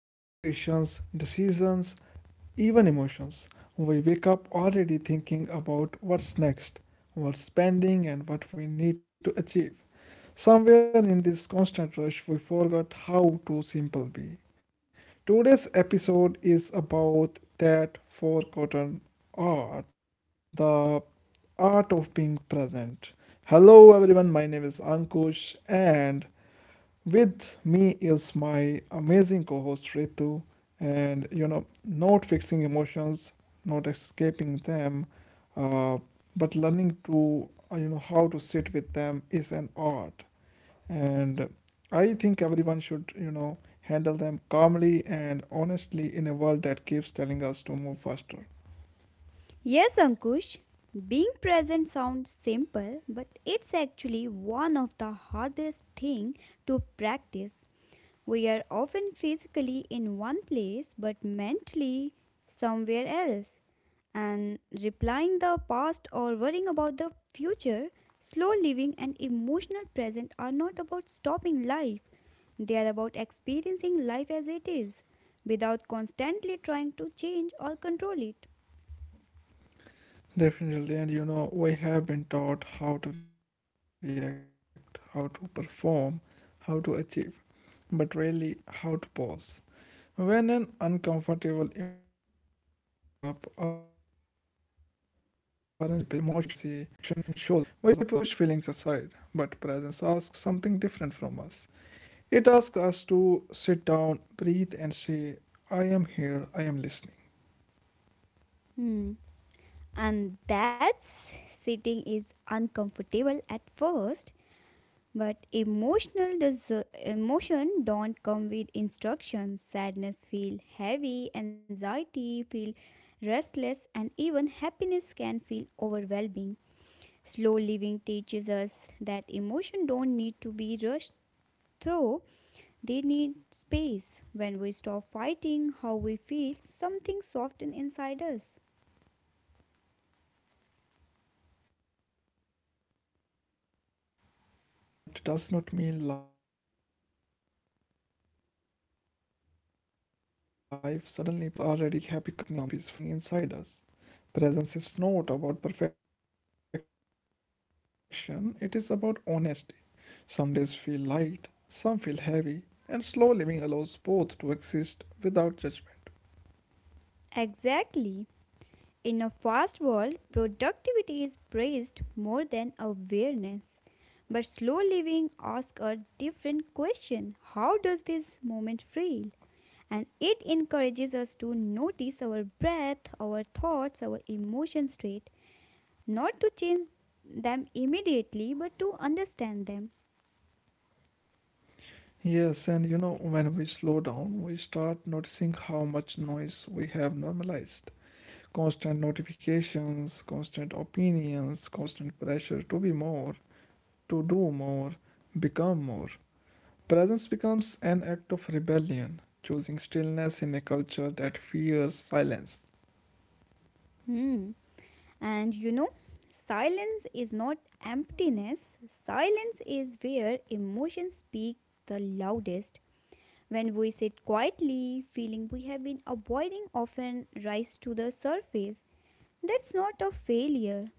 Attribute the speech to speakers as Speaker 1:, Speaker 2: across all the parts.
Speaker 1: conversations, decisions, even emotions. We wake up already thinking about what's next, what's pending, and what we need to achieve. Somewhere in this constant rush, we forgot how to simple be. Today's episode is about that forgotten art the art of being present. Hello, everyone. My name is Ankush, and with me is my amazing co host Ritu, and not fixing emotions, not escaping them, uh, but learning to, how to sit with them is an art. And I think everyone should, handle them calmly and honestly in a world that keeps telling us to move faster.
Speaker 2: Yes, Ankush, being present sounds simple, but it's actually one of the hardest thing to practice. We are often physically in one place but mentally somewhere else. And replying the past or worrying about the future, slow living and emotional present are not about stopping life. They are about experiencing life as it is without constantly trying to change or control it.
Speaker 1: Definitely, and we have been taught how to react, how to perform, how to achieve, but rarely how to pause. When an uncomfortable emotion shows up, our instinct is to distract ourselves. We scroll, we stay busy, we push feelings aside. But presence asks something different from us. It asks us to sit down, breathe, and say, I am here, I am listening.
Speaker 2: Hmm. And that sitting is uncomfortable at first, but emotion don't come with instructions. Sadness feel heavy, anxiety feel restless, and even happiness can feel overwhelming. Slow living teaches us that emotion don't need to be rushed through. They need space. When we stop fighting how we feel, something softens inside us.
Speaker 1: Definitely, and learning to be present does not mean life suddenly becomes peaceful. It means we stop running away from what is already happening inside us. Presence is not about perfection, it is about honesty. Some days feel light, some feel heavy, and slow living allows both to exist without judgment.
Speaker 2: Exactly. In a fast world, productivity is praised more than awareness. But slow living asks a different question. How does this moment feel? And it encourages us to notice our breath, our thoughts, our emotions straight, not to change them immediately, but to understand them.
Speaker 1: Yes, and when we slow down, we start noticing how much noise we have normalized. Constant notifications, constant opinions, constant pressure to be more, to do more, become more. Presence becomes an act of rebellion, choosing stillness in a culture that fears silence.
Speaker 2: Hmm. And you know, silence is not emptiness, silence is where emotions speak the loudest. When we sit quietly, feeling we have been avoiding often rise to the surface. That's not a failure.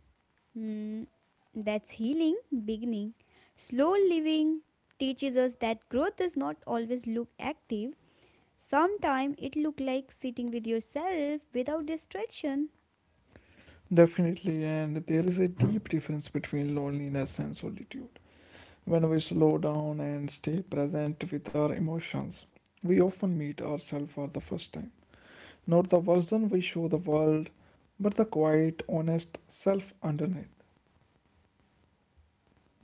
Speaker 2: Hmm, that's healing, beginning. Slow living teaches us that growth does not always look active. Sometimes it look like sitting with yourself without distraction.
Speaker 1: Definitely, and there is a deep difference between loneliness and solitude. When we slow down and stay present with our emotions, we often meet ourselves for the first time. Not the version we show the world, but the quiet, honest self underneath.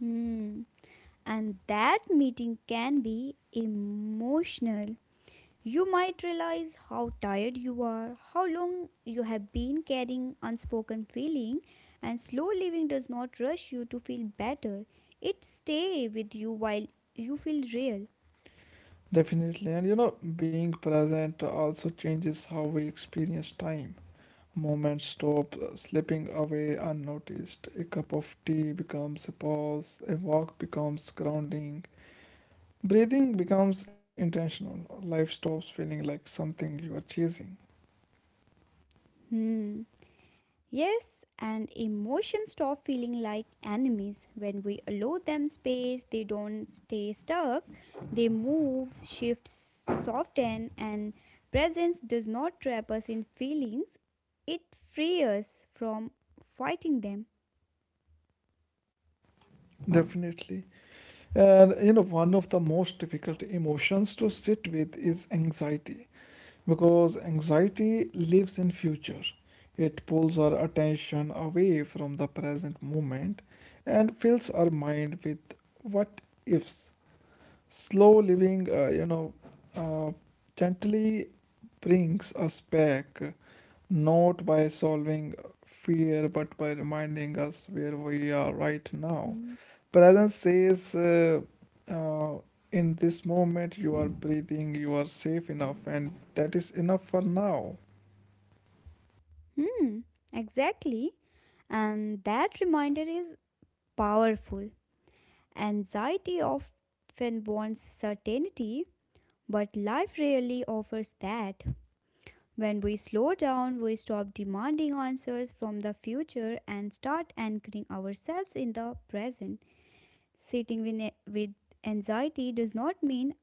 Speaker 2: Hmm. And that meeting can be emotional. You might realize how tired you are, how long you have been carrying unspoken feeling, and slow living does not rush you to feel better. It stay with you while you feel real.
Speaker 1: Definitely, and being present also changes how we experience time. Moments stop slipping away unnoticed. A cup of tea becomes a pause, a walk becomes grounding. Breathing becomes intentional. Life stops feeling like something you are chasing.
Speaker 2: Hmm. Yes, and emotions stop feeling like enemies. When we allow them space, they don't stay stuck. They move, shift, soften, and presence does not trap us in feelings. It frees us from fighting them.
Speaker 1: Definitely. And one of the most difficult emotions to sit with is anxiety because anxiety lives in future. It pulls our attention away from the present moment and fills our mind with what ifs. Slow living, uh, gently brings us back, not by solving fear but by reminding
Speaker 2: Hmm,
Speaker 1: us where we are right now. Presence says, uh, in this moment, you are breathing, you are safe enough, and that is enough for now.
Speaker 2: Hmm, exactly. And that reminder is powerful. Anxiety often wants certainty, but life rarely offers that. When we slow down, we stop demanding answers from the future and start anchoring ourselves in the present. Sitting with anxiety does not mean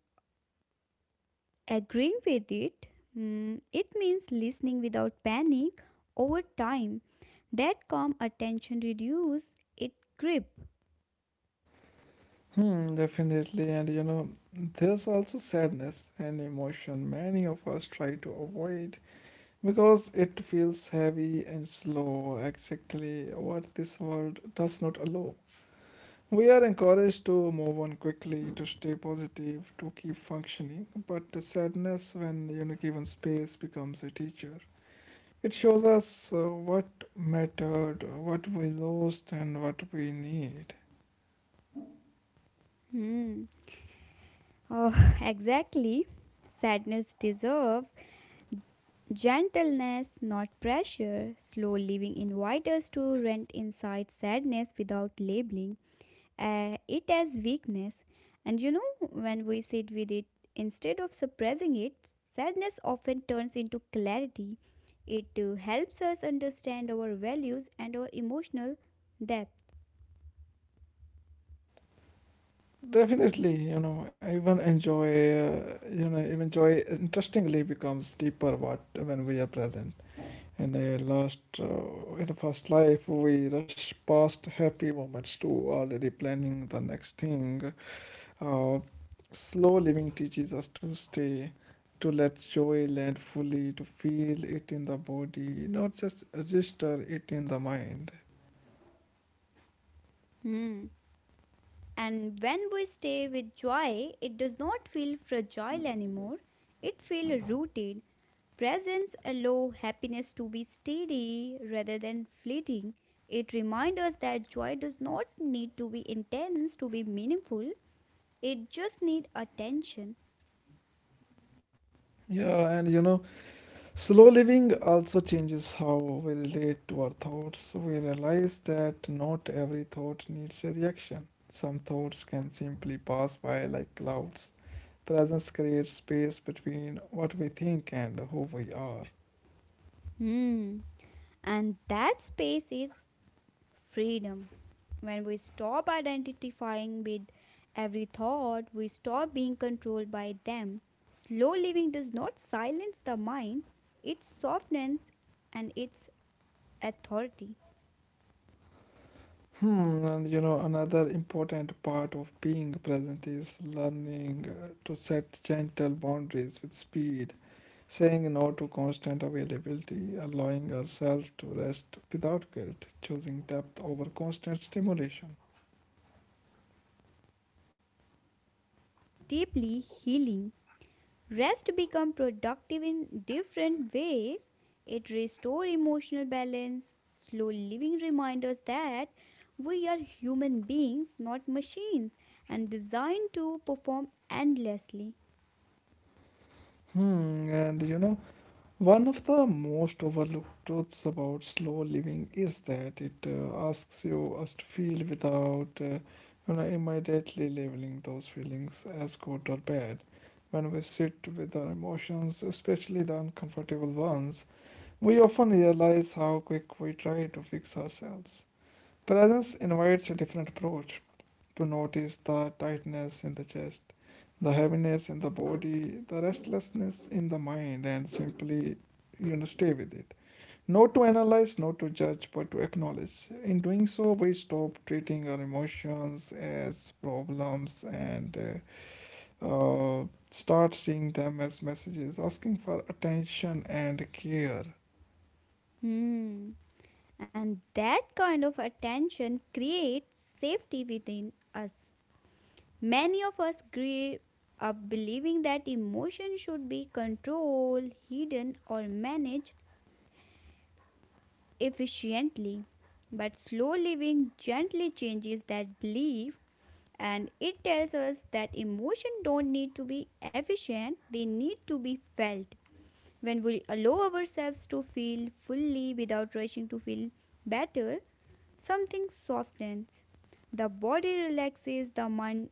Speaker 2: agreeing with it. Mm, it means listening without panic over time. That calm attention reduces its grip.
Speaker 1: Hmm, definitely. And there's also sadness and emotion many of us try to avoid because it feels heavy and slow, exactly what this world does not allow. We are encouraged to move on quickly, to stay positive, to keep functioning, but sadness when you know given space becomes a teacher. It shows us what mattered, what we lost, and what we need.
Speaker 2: Hmm. Oh, exactly. Sadness deserves gentleness, not pressure. Slow living invites us to rent inside sadness without labeling it as weakness. And you know, when we sit with it, instead of suppressing it, sadness often turns into clarity. It helps us understand our values and our emotional depth.
Speaker 1: Definitely, you know, even enjoy, even joy interestingly becomes deeper what when we are present. In a last, in a first life, we rush past happy moments to already planning the next thing. Uh, slow living teaches us to stay, to let joy land fully, to feel it in the body, not just register it in the mind.
Speaker 2: Hmm. And when we stay with joy, it does not feel fragile anymore. It feels rooted. Presence allows happiness to be steady rather than fleeting. It reminds us that joy does not need to be intense to be meaningful. It just needs attention.
Speaker 1: Yeah, and slow living also changes how we relate to our thoughts. We realize that not every thought needs a reaction. Some thoughts can simply pass by like clouds. Presence creates space between what we think and who we are.
Speaker 2: Hmm. And that space is freedom. When we stop identifying with every thought, we stop being controlled by them. Slow living does not silence the mind, it softens and its authority.
Speaker 1: Hmm, and another important part of being present is learning to set gentle boundaries with speed, saying no to constant availability, allowing ourselves to rest without guilt, choosing depth over constant stimulation.
Speaker 2: And that choice is deeply healing. Rest become productive in different ways. It restore emotional balance. Slow living reminds us that we are human beings, not machines, and designed to perform endlessly.
Speaker 1: Hmm, and one of the most overlooked truths about slow living is that it asks you us to feel without, immediately labeling those feelings as good or bad. When we sit with our emotions, especially the uncomfortable ones, we often realize how quick we try to fix ourselves. Presence invites a different approach to notice the tightness in the chest, the heaviness in the body, the restlessness in the mind, and simply, stay with it. Not to analyze, not to judge, but to acknowledge. In doing so, we stop treating our emotions as problems and uh, uh, start seeing them as messages asking for attention and care.
Speaker 2: Hmm. And that kind of attention creates safety within us. Many of us grew up believing that emotion should be controlled, hidden, or managed efficiently. But slow living gently changes that belief and it tells us that emotions don't need to be efficient, they need to be felt. When we allow ourselves to feel fully without rushing to feel better, something softens. The body relaxes, the mind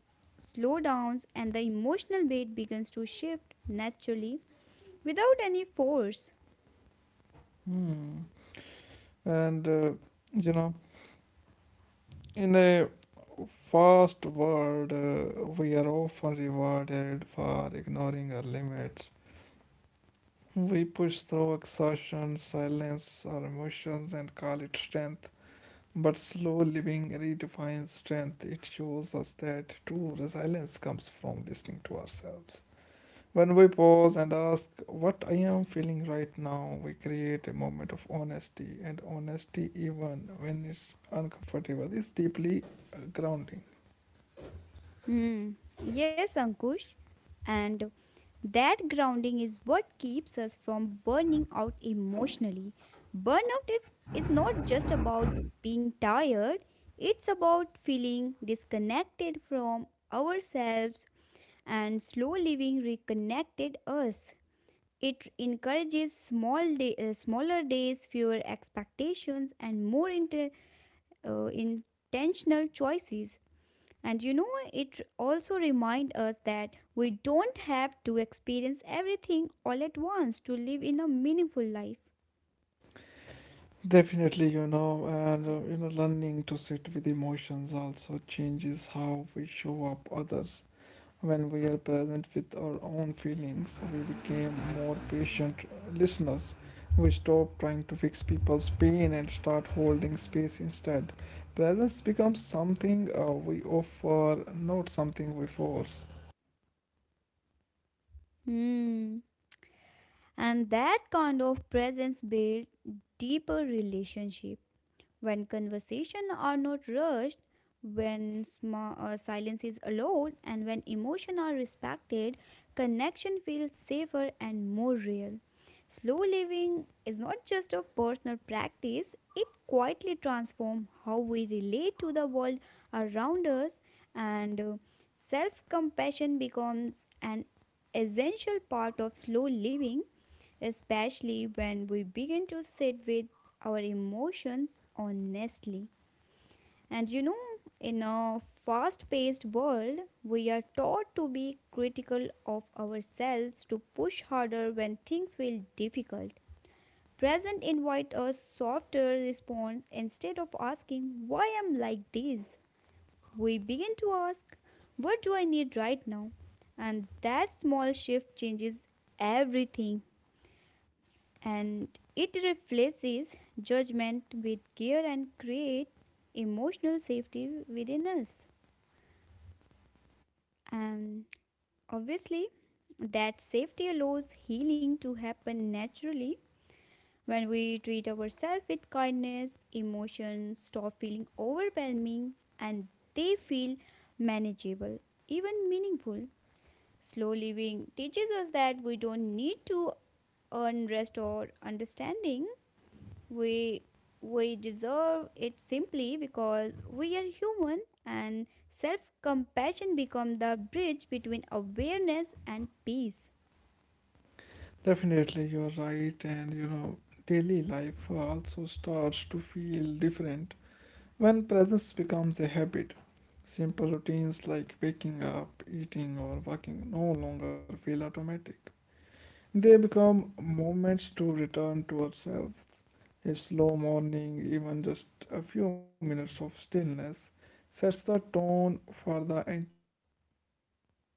Speaker 2: slows down, and the emotional weight begins to shift naturally without any force.
Speaker 1: Hmm. And, you know, in a first world, we are often rewarded for ignoring our limits. We push through exhaustion, silence our emotions, and call it strength. But slow living redefines strength. It shows us that true resilience comes from listening to ourselves. When we pause and ask, what I am feeling right now, we create a moment of honesty, and honesty, even when it's uncomfortable, is deeply grounding.
Speaker 2: Hmm. Yes, Ankush. And that grounding is what keeps us from burning out emotionally. Burnout is not just about being tired, it's about feeling disconnected from ourselves and slow living reconnected us. It encourages smaller days, fewer expectations, and more intentional choices. And you know, it also reminds us that we don't have to experience everything all at once to live in a meaningful life.
Speaker 1: Definitely, you know, and learning to sit with emotions also changes how we show up others. When we are present with our own feelings, we became more patient listeners. We stop trying to fix people's pain and start holding space instead. Presence becomes something we offer, not something we force.
Speaker 2: Hmm. And that kind of presence builds deeper relationship. When conversation are not rushed, when silence is allowed, and when emotion are respected, connection feels safer and more real. Slow living is not just a personal practice, it quietly transforms how we relate to the world around us, and self compassion becomes an essential part of slow living especially when we begin to sit with our emotions honestly. And you know, in a fast paced world, we are taught to be critical of ourselves, to push harder when things feel difficult. Present invite a softer response instead of asking, why am I like this? We begin to ask, what do I need right now? And that small shift changes everything, and it replaces judgment with care and create emotional safety within us, and obviously that safety allows healing to happen naturally. When we treat ourselves with kindness emotions stop feeling overwhelming and they feel manageable, even meaningful. Slow living teaches us that we don't need to earn rest or understanding. We we deserve it simply because we are human and self-compassion becomes the bridge between awareness and peace.
Speaker 1: Definitely, you're right, and daily life also starts to feel different. When presence becomes a habit, simple routines like waking up, eating, or walking no longer feel automatic. They become moments to return to ourselves. A slow morning, even just a few minutes of stillness, sets the tone for the entire day.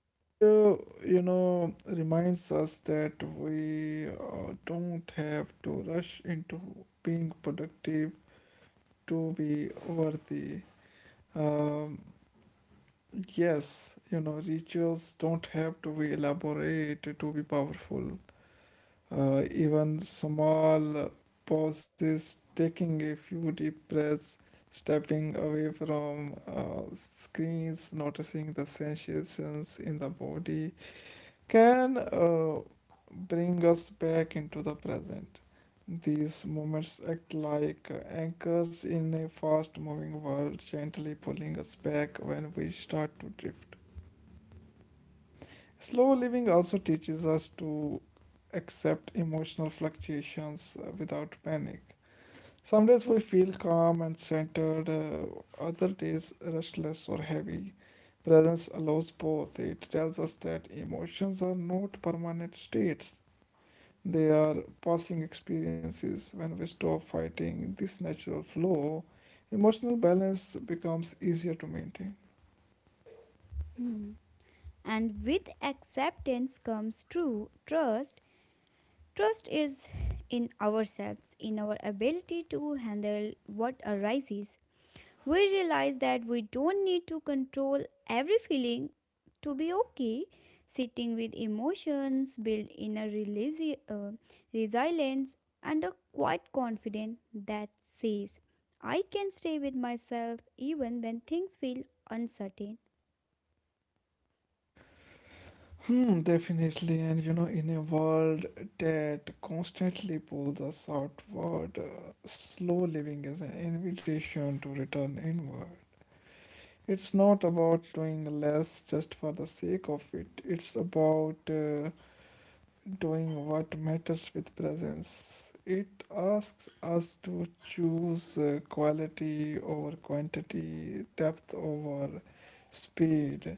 Speaker 1: It, reminds us that we don't have to rush into being productive to be worthy. Um Yes, you know, rituals don't have to be elaborate to be powerful. Even small pauses, taking a few deep breaths, stepping away from screens, noticing the sensations in the body can bring us back into the present. These moments act like anchors in a fast moving world, gently pulling us back when we start to drift. Slow living also teaches us to accept emotional fluctuations without panic. Some days we feel calm and centered, other days restless or heavy. Presence allows both. It tells us that emotions are not permanent states, they are passing experiences. When we stop fighting this natural flow, emotional balance becomes easier to maintain.
Speaker 2: Hmm. And with acceptance comes true trust. Trust is in ourselves, in our ability to handle what arises. We realize that we don't need to control every feeling to be okay. Sitting with emotions, build resilience, and a quiet confidence that says, I can stay with myself even when things feel uncertain.
Speaker 1: Hmm, definitely. And in a world that constantly pulls us outward, slow living is an invitation to return inward. It's not about doing less just for the sake of it, it's about doing what matters with presence. It asks us to choose quality over quantity, depth over speed,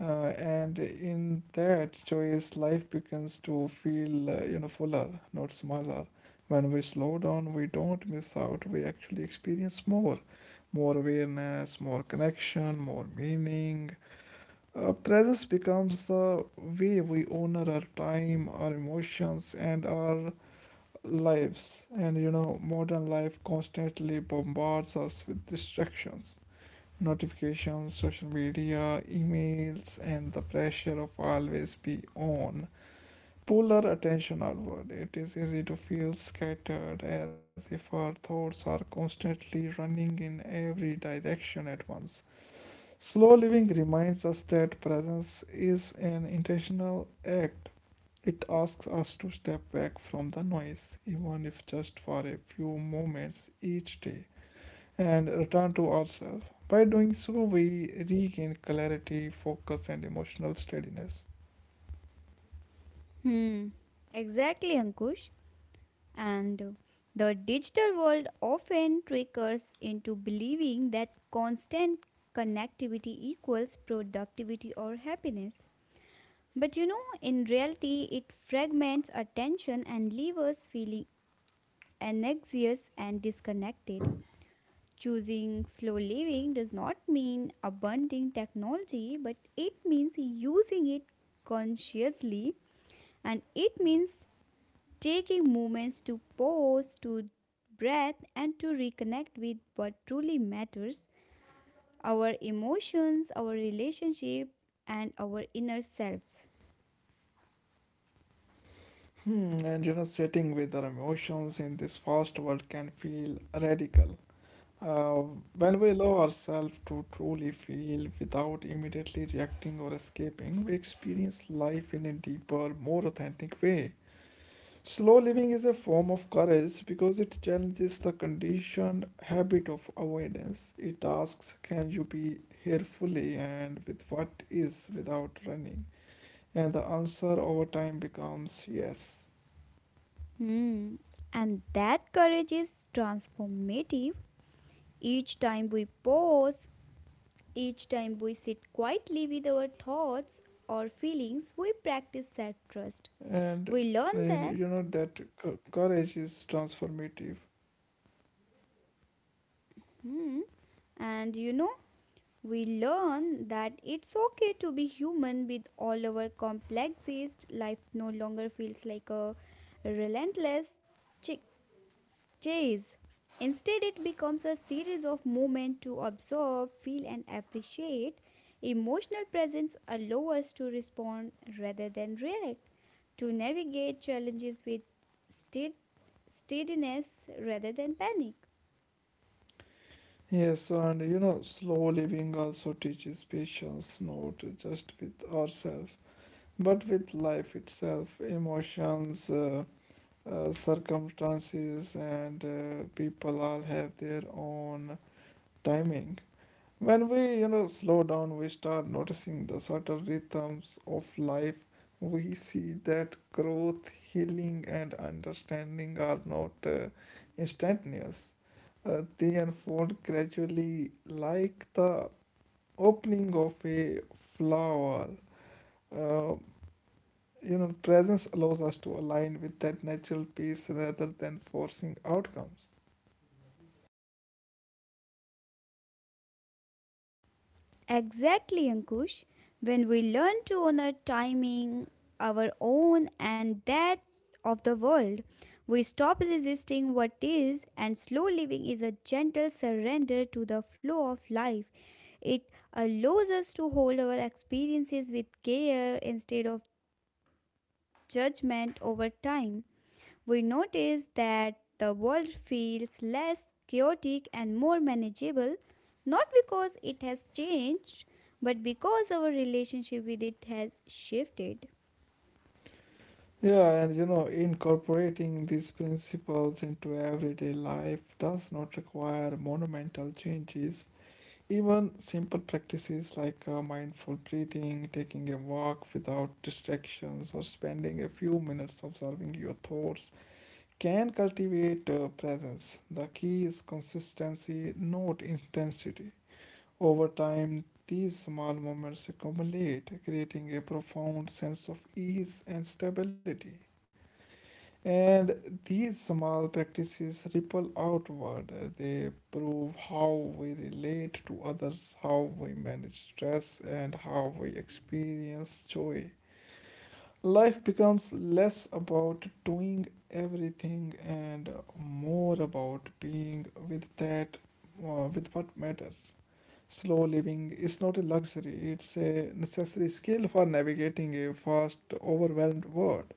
Speaker 1: and in that choice, life begins to feel, fuller, not smaller. When we slow down, we don't miss out. We actually experience more, more awareness, more connection, more meaning. Presence becomes the way we honor our time, our emotions, and our lives. And modern life constantly bombards us with distractions notifications, social media, emails, and the pressure of always be on pull our attention outward. It is easy to feel scattered as if our thoughts are constantly running in every direction at once. Slow living reminds us that presence is an intentional act. It asks us to step back from the noise, even if just for a few moments each day, and return to ourselves. By doing so, we regain clarity, focus, and emotional steadiness.
Speaker 2: Hmm, exactly, Ankush. And The digital world often triggers into believing that constant connectivity equals productivity or happiness. But you know, in reality, it fragments attention and leaves us feeling anxious and disconnected. Choosing slow living does not mean abandoning technology, but it means using it consciously and it means taking moments to pause, to breath, and to reconnect with what truly matters, our emotions, our relationship, and our inner selves.
Speaker 1: Hmm, and sitting with our emotions in this fast world can feel radical. Uh, when we allow ourselves to truly feel without immediately reacting or escaping, we experience life in a deeper, more authentic way. Slow living is a form of courage because it challenges the conditioned habit of avoidance. It asks, can you be here fully and with what is without running? And the answer over time becomes yes.
Speaker 2: Hmm. And that courage is transformative. Each time we pause, each time we sit quietly with our thoughts or feelings, we practice self trust.
Speaker 1: And,
Speaker 2: We learn that,
Speaker 1: and that courage is transformative.
Speaker 2: hmm, and you know, We learn that it's okay to be human with all our complexities. Life no longer feels like a relentless chi- days. Instead, it becomes a series of moments to observe, feel, and appreciate. Emotional presence allows us to respond rather than react, to navigate challenges with stead- steadiness rather than panic.
Speaker 1: Yes, and slow living also teaches patience, not just with ourselves, but with life itself, emotions. Circumstances and people all have their own timing. When we, you know, slow down, we start noticing the subtle rhythms of life. We see that growth healing and understanding are not instantaneous. They unfold gradually like the opening of a flower. uh, presence allows us to align with that natural peace rather than forcing outcomes.
Speaker 2: Exactly, Ankush. When we learn to honor timing, our own and that of the world, we stop resisting what is, and slow living is a gentle surrender to the flow of life. It allows us to hold our experiences with care instead of judgment over time. We notice that the world feels less chaotic and more manageable, not because it has changed, but because our relationship with it has shifted.
Speaker 1: Yeah, and incorporating these principles into everyday life does not require monumental changes. Even simple practices like mindful breathing, taking a walk without distractions, or spending a few minutes observing your thoughts can cultivate presence. The key is consistency, not intensity. Over time, these small moments accumulate, creating a profound sense of ease and stability. And these small practices ripple outward. They prove how we relate to others, how we manage stress, and how we experience joy. Life becomes less about doing everything and more about being with that, with what matters. Slow living is not a luxury, it's a necessary skill for navigating a fast, overwhelmed world.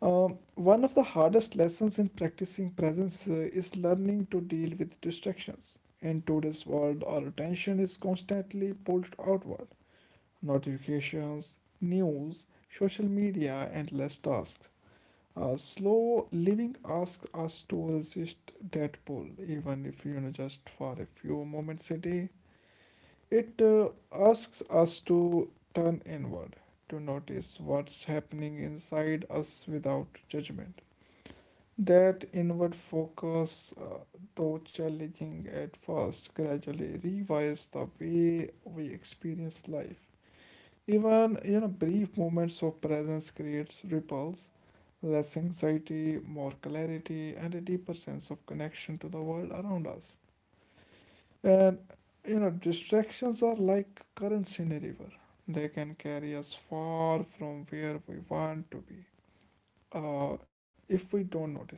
Speaker 1: One of the hardest lessons in practicing presence is learning to deal with distractions. In today's world, our attention is constantly pulled outward. Notifications, news, social media, endless tasks. Slow living asks us to resist that pull, even if you know just for a few moments a day. It asks us to turn inward, to notice what's happening inside us without judgment. That inward focus, though challenging at first, gradually rewires the way we experience life. Even brief moments of presence creates ripples, less anxiety, more clarity, and a deeper sense of connection to the world around us. And distractions are like currents in a river. They can carry us far from where we want to be if we don't notice them.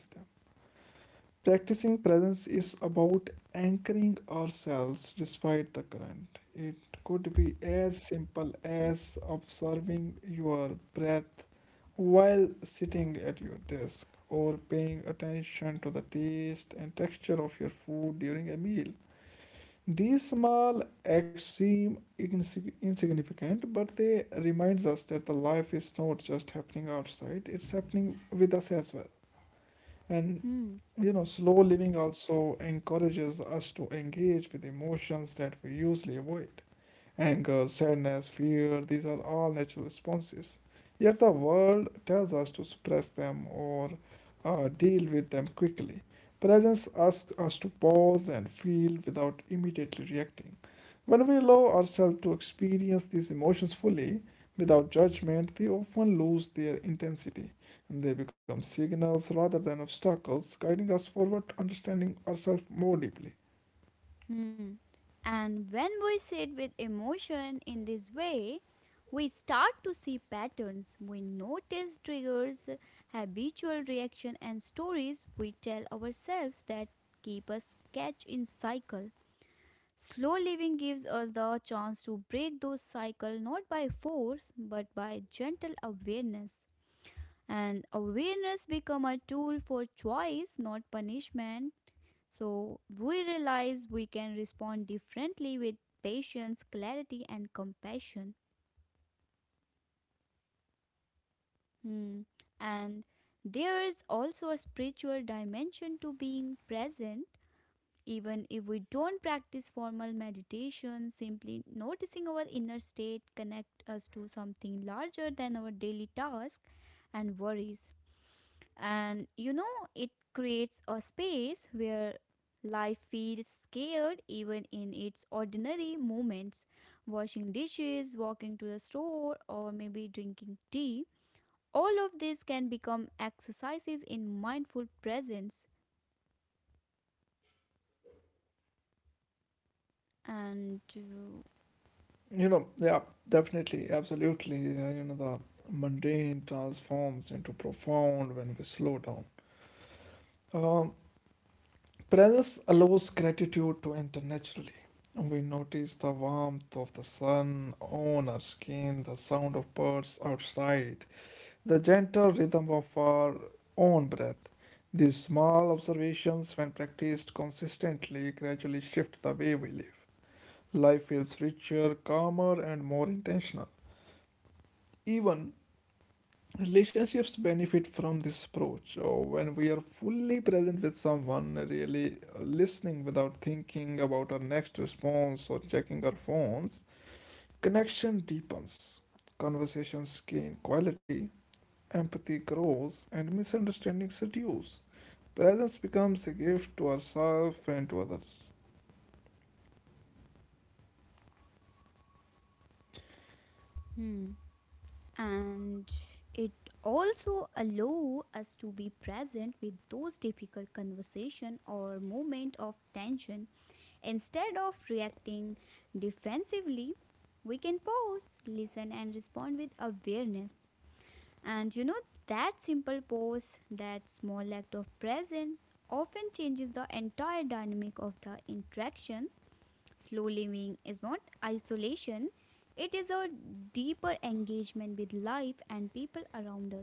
Speaker 1: Practicing presence is about anchoring ourselves despite the current. It could be as simple as observing your breath while sitting at your desk or paying attention to the taste and texture of your food during a meal. These small acts seem insignificant, but they remind us that the life is not just happening outside, it's happening with us as well. And
Speaker 2: Hmm.
Speaker 1: slow living also encourages us to engage with emotions that we usually avoid. Anger, sadness, fear, these are all natural responses. Yet the world tells us to suppress them or deal with them quickly. Presence asks us to pause and feel without immediately reacting. When we allow ourselves to experience these emotions fully, without judgment, they often lose their intensity and they become signals rather than obstacles, guiding us forward, to understanding ourselves more deeply.
Speaker 2: Hmm. And when we sit with emotion in this way, we start to see patterns. We notice triggers, habitual reaction, and stories we tell ourselves that keep us catch in cycle. Slow living gives us the chance to break those cycles not by force but by gentle awareness. And awareness become a tool for choice, not punishment. So we realize we can respond differently with patience, clarity, and compassion. Hmm. And there is also a spiritual dimension to being present. Even if we don't practice formal meditation, simply noticing our inner state connects us to something larger than our daily tasks and worries. And you know, it creates a space where life feels scared even in its ordinary moments. Washing dishes, walking to the store, or maybe drinking tea. All of this can become exercises in mindful presence. And
Speaker 1: You know, yeah, definitely, absolutely. The mundane transforms into profound when we slow down. Um, Presence allows gratitude to enter naturally. We notice the warmth of the sun on our skin, the sound of birds outside, the gentle rhythm of our own breath. These small observations, when practiced consistently, gradually shift the way we live. Life feels richer, calmer, and more intentional. Even relationships benefit from this approach or when we are fully present with someone, really listening without thinking about our next response or checking our phones. Connection deepens, conversations gain quality, empathy grows, and misunderstandings reduce. Presence becomes a gift to ourselves and to others.
Speaker 2: hmm. And it also allow us to be present with those difficult conversation or moment of tension, instead of reacting defensively we can pause, listen and respond with awareness. And you know that simple pause, that small act of presence often changes the entire dynamic of the interaction. Slow living is not isolation, it is a deeper engagement with life and people around us.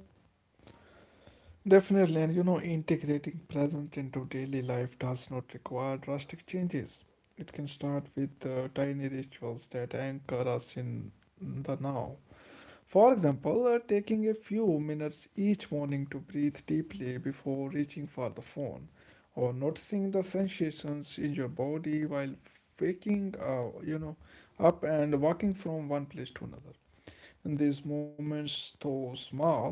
Speaker 1: Definitely, and you know, integrating presence into daily life does not require drastic changes. It can start with tiny rituals that anchor us in the now. For example, taking a few minutes each morning to breathe deeply before reaching for the phone, or noticing the sensations in your body while waking, up and walking from one place to another. And these moments, though small,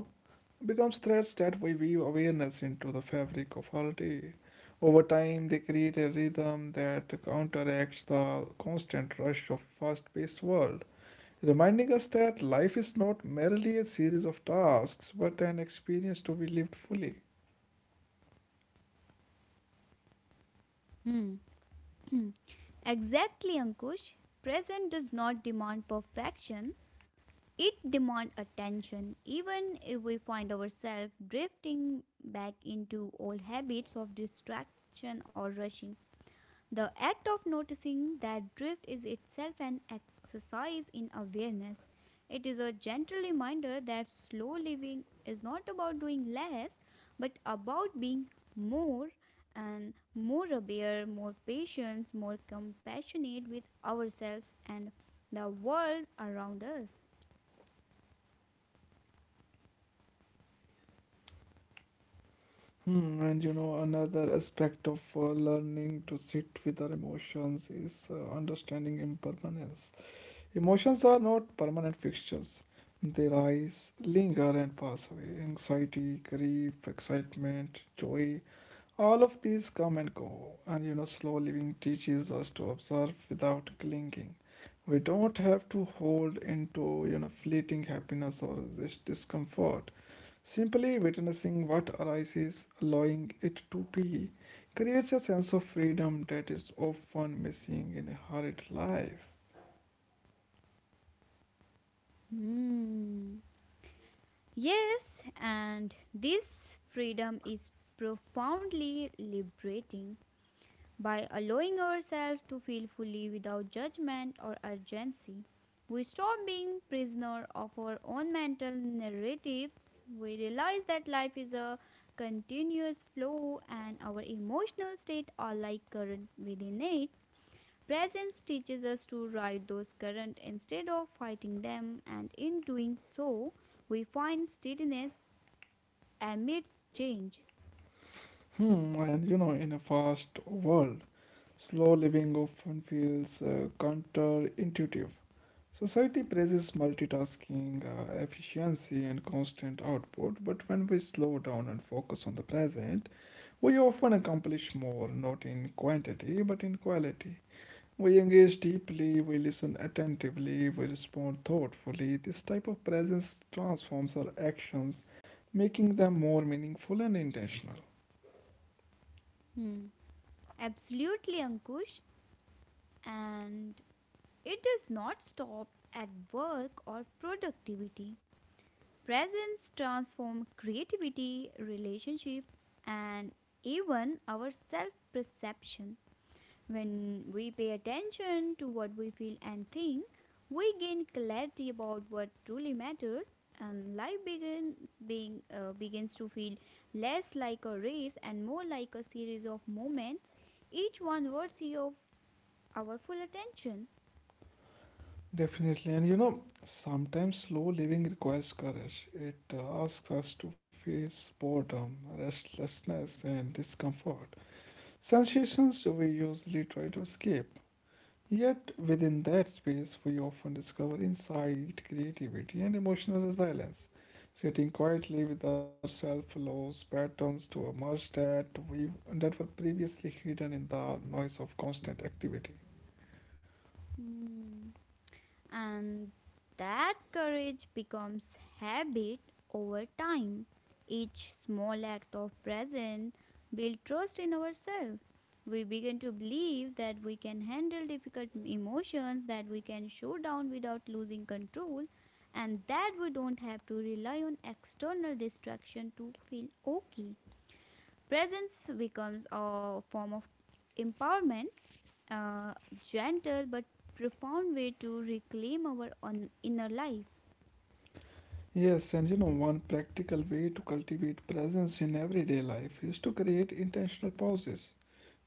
Speaker 1: becomes threads that we weave awareness into the fabric of our day. Over time, they create a rhythm that counteracts the constant rush of a fast paced world, reminding us that life is not merely a series of tasks but an experience to be lived fully.
Speaker 2: Hmm. Exactly, Ankush. Present does not demand perfection, it demands attention. Even if we find ourselves drifting back into old habits of distraction or rushing, the act of noticing that drift is itself an exercise in awareness. It is a gentle reminder that slow living is not about doing less, but about being more and more aware, more patient, more compassionate with ourselves and the world around us.
Speaker 1: Hmm, and you know, another aspect of learning to sit with our emotions is understanding impermanence. Emotions are not permanent fixtures. They rise, linger, and pass away. Anxiety, grief, excitement, joy, all of these come and go. And you know, slow living teaches us to observe without clinging. We don't have to hold into, you know, fleeting happiness or resist discomfort. Simply witnessing what arises, allowing it to be, creates a sense of freedom that is often missing in a hurried life.
Speaker 2: Hmm. Yes, and this freedom is profoundly liberating. By allowing ourselves to feel fully without judgment or urgency, we stop being prisoner of our own mental narratives. We realize that life is a continuous flow and our emotional state are like current within it. Presence teaches us to ride those current instead of fighting them and in doing so, we find steadiness amidst change.
Speaker 1: Hmm, and you know, in a fast world, slow living often feels counterintuitive. Society praises multitasking, efficiency, and constant output, but when we slow down and focus on the present, we often accomplish more, not in quantity, but in quality. We engage deeply, we listen attentively, we respond thoughtfully. This type of presence transforms our actions, making them more meaningful and intentional.
Speaker 2: Hmm. Absolutely, Ankush. And it does not stop at work or productivity. Presence transforms creativity, relationship, and even our self perception. When we pay attention to what we feel and think, we gain clarity about what truly matters, and life begins to feel less like a race and more like a series of moments, each one worthy of our full attention.
Speaker 1: Definitely. And you know, sometimes slow living requires courage. It asks us to face boredom, restlessness, and discomfort. Sensations we usually try to escape. Yet, within that space, we often discover insight, creativity, and emotional resilience. Sitting quietly with ourselves allows patterns to emerge that were previously hidden in the noise of constant activity.
Speaker 2: Hmm. And that courage becomes habit over time. Each small act of presence builds trust in ourselves. We begin to believe that we can handle difficult emotions, that we can show down without losing control, and that we don't have to rely on external distraction to feel okay. Presence becomes a form of empowerment, a gentle but profound way to reclaim our on inner life.
Speaker 1: Yes, and you know, one practical way to cultivate presence in everyday life is to create intentional pauses.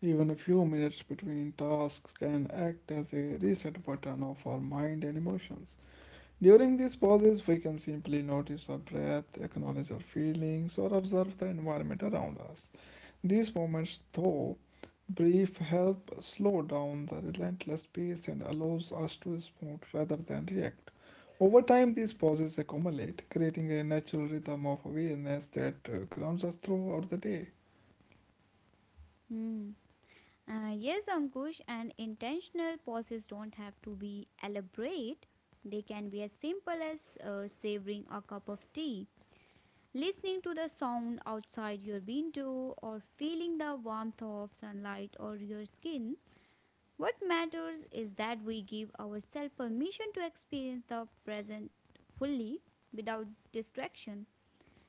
Speaker 1: Even a few minutes between tasks can act as a reset button of our mind and emotions. During these pauses, we can simply notice our breath, acknowledge our feelings, or observe the environment around us. These moments, though brief, help slow down the relentless pace and allows us to respond rather than react. Over time, these pauses accumulate, creating a natural rhythm of awareness that grounds us throughout the day.
Speaker 2: Hmm. Yes, Ankush, and intentional pauses don't have to be elaborate. They can be as simple as savoring a cup of tea, listening to the sound outside your window, or feeling the warmth of sunlight or your skin. What matters is that we give ourselves permission to experience the present fully without distraction.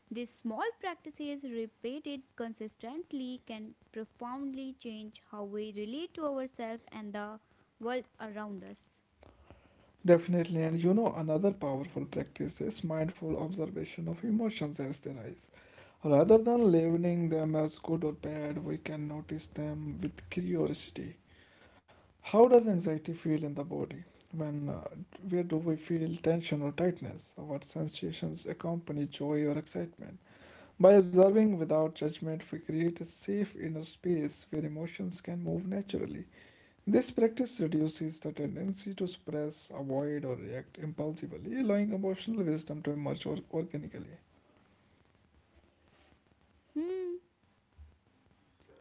Speaker 2: These small practices repeated consistently can profoundly change how we relate to ourselves and the world around us.
Speaker 1: Definitely, and you know, another powerful practice is mindful observation of emotions as they rise. Rather than labeling them as good or bad, we can notice them with curiosity. How does anxiety feel in the body? When, uh, where do we feel tension or tightness? What sensations accompany joy or excitement? By observing without judgment, we create a safe inner space where emotions can move naturally. This practice reduces the tendency to suppress, avoid, or react impulsively, allowing emotional wisdom to emerge organically.
Speaker 2: Hmm.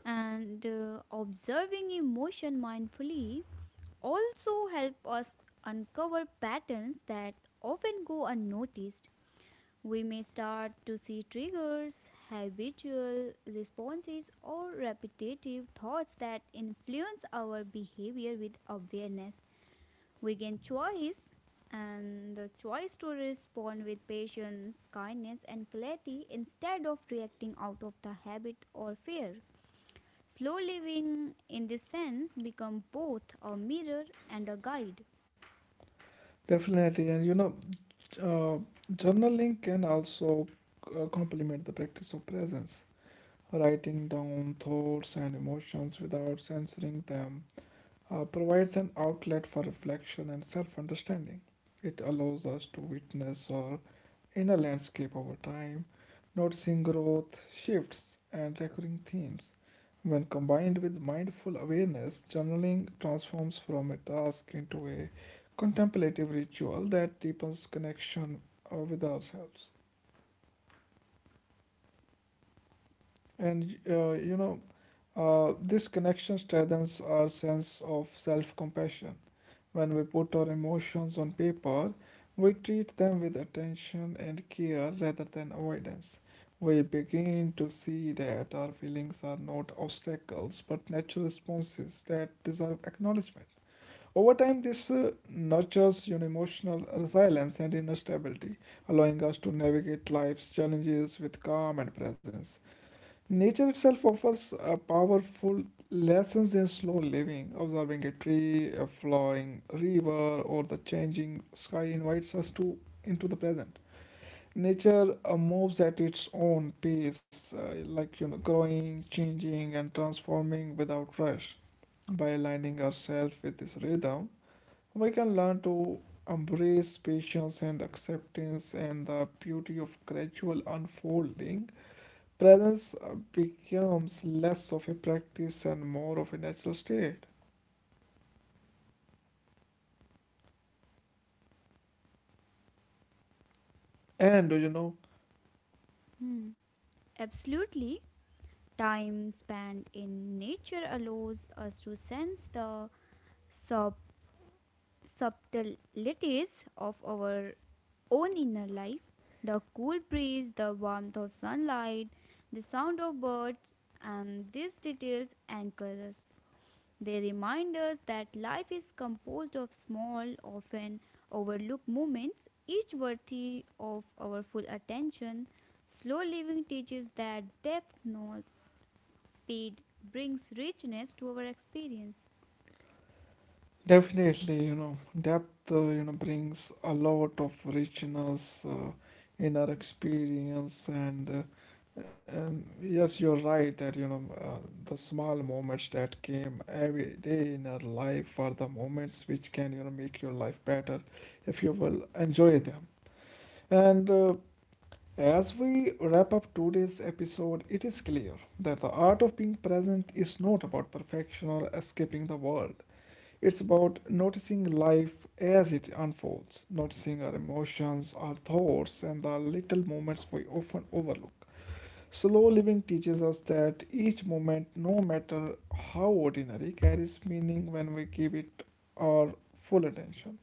Speaker 2: And Observing emotion mindfully also help us uncover patterns that often go unnoticed. We may start to see triggers, habitual responses, or repetitive thoughts that influence our behavior with awareness. We gain choice and the choice to respond with patience, kindness, and clarity instead of reacting out of the habit or fear. Slow living, in this sense, becomes both a mirror and a guide.
Speaker 1: Definitely, and you know, uh, journaling can also complement the practice of presence. Writing down thoughts and emotions without censoring them provides an outlet for reflection and self understanding. It allows us to witness our inner landscape over time, noticing growth, shifts, and recurring themes. When combined with mindful awareness, journaling transforms from a task into a contemplative ritual that deepens connection with ourselves. And uh, you know, this connection strengthens our sense of self compassion. When we put our emotions on paper, we treat them with attention and care rather than avoidance. We begin to see that our feelings are not obstacles but natural responses that deserve acknowledgement. Over time, this nurtures your emotional resilience and inner stability, allowing us to navigate life's challenges with calm and presence. Nature itself offers a powerful lessons in slow living. Observing a tree, a flowing river, or the changing sky invites us to into the present. Nature moves at its own pace, like you know, growing, changing, and transforming without rush. By aligning ourselves with this rhythm, we can learn to embrace patience and acceptance and the beauty of gradual unfolding. Presence becomes less of a practice and more of a natural state. And you know,
Speaker 2: Hmm. Absolutely. Time spent in nature allows us to sense the sub subtleties of our own inner life, the cool breeze, the warmth of sunlight, the sound of birds, and these details anchor us. They remind us that life is composed of small, often overlooked moments, each worthy of our full attention. Slow living teaches that depth, not speed, brings richness to our experience.
Speaker 1: definitely, you know, depth, you know, brings a lot of richness in our experience. And yes, you're right that, you know, the small moments that came every day in our life are the moments which can, you know, make your life better if you will enjoy them. And As we wrap up today's episode, it is clear that the art of being present is not about perfection or escaping the world. It's about noticing life as it unfolds, noticing our emotions, our thoughts, and the little moments we often overlook. Slow living teaches us that each moment, no matter how ordinary, carries meaning when we give it our full attention.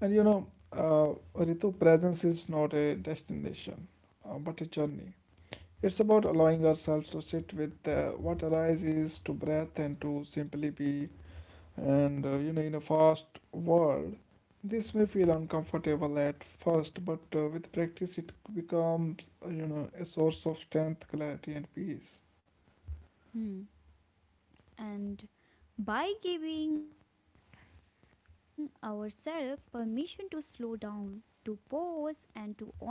Speaker 1: And you know, Ritu, presence is not a destination, but a journey. It's about allowing ourselves to sit with what arises, to breath, and to simply be. In a fast world, this may feel uncomfortable at first, but with practice, it becomes you know a source of strength, clarity, and peace.
Speaker 2: Hmm. And by giving ourselves permission to slow down, to pause, and to honor our emotions,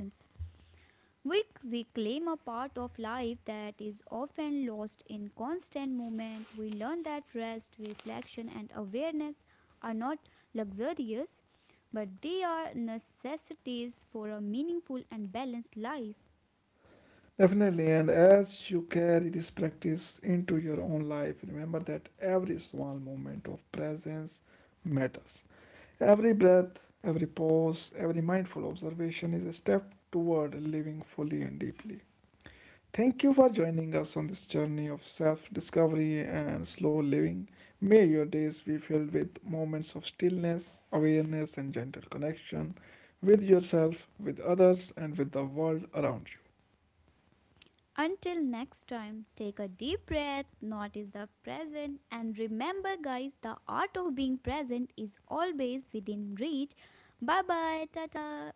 Speaker 2: we reclaim a part of life that is often lost in constant movement. We learn that rest, reflection, and awareness are not luxurious, but they are necessities for a meaningful and balanced life.
Speaker 1: Definitely, and as you carry this practice into your own life, remember that every small moment of presence matters. Every breath, every pause, every mindful observation is a step toward living fully and deeply. Thank you for joining us on this journey of self discovery and slow living. May your days be filled with moments of stillness, awareness, and gentle connection with yourself, with others, and with the world around you.
Speaker 2: Until next time, take a deep breath, notice the present, and remember, guys, the art of being present is always within reach. Bye bye, tata.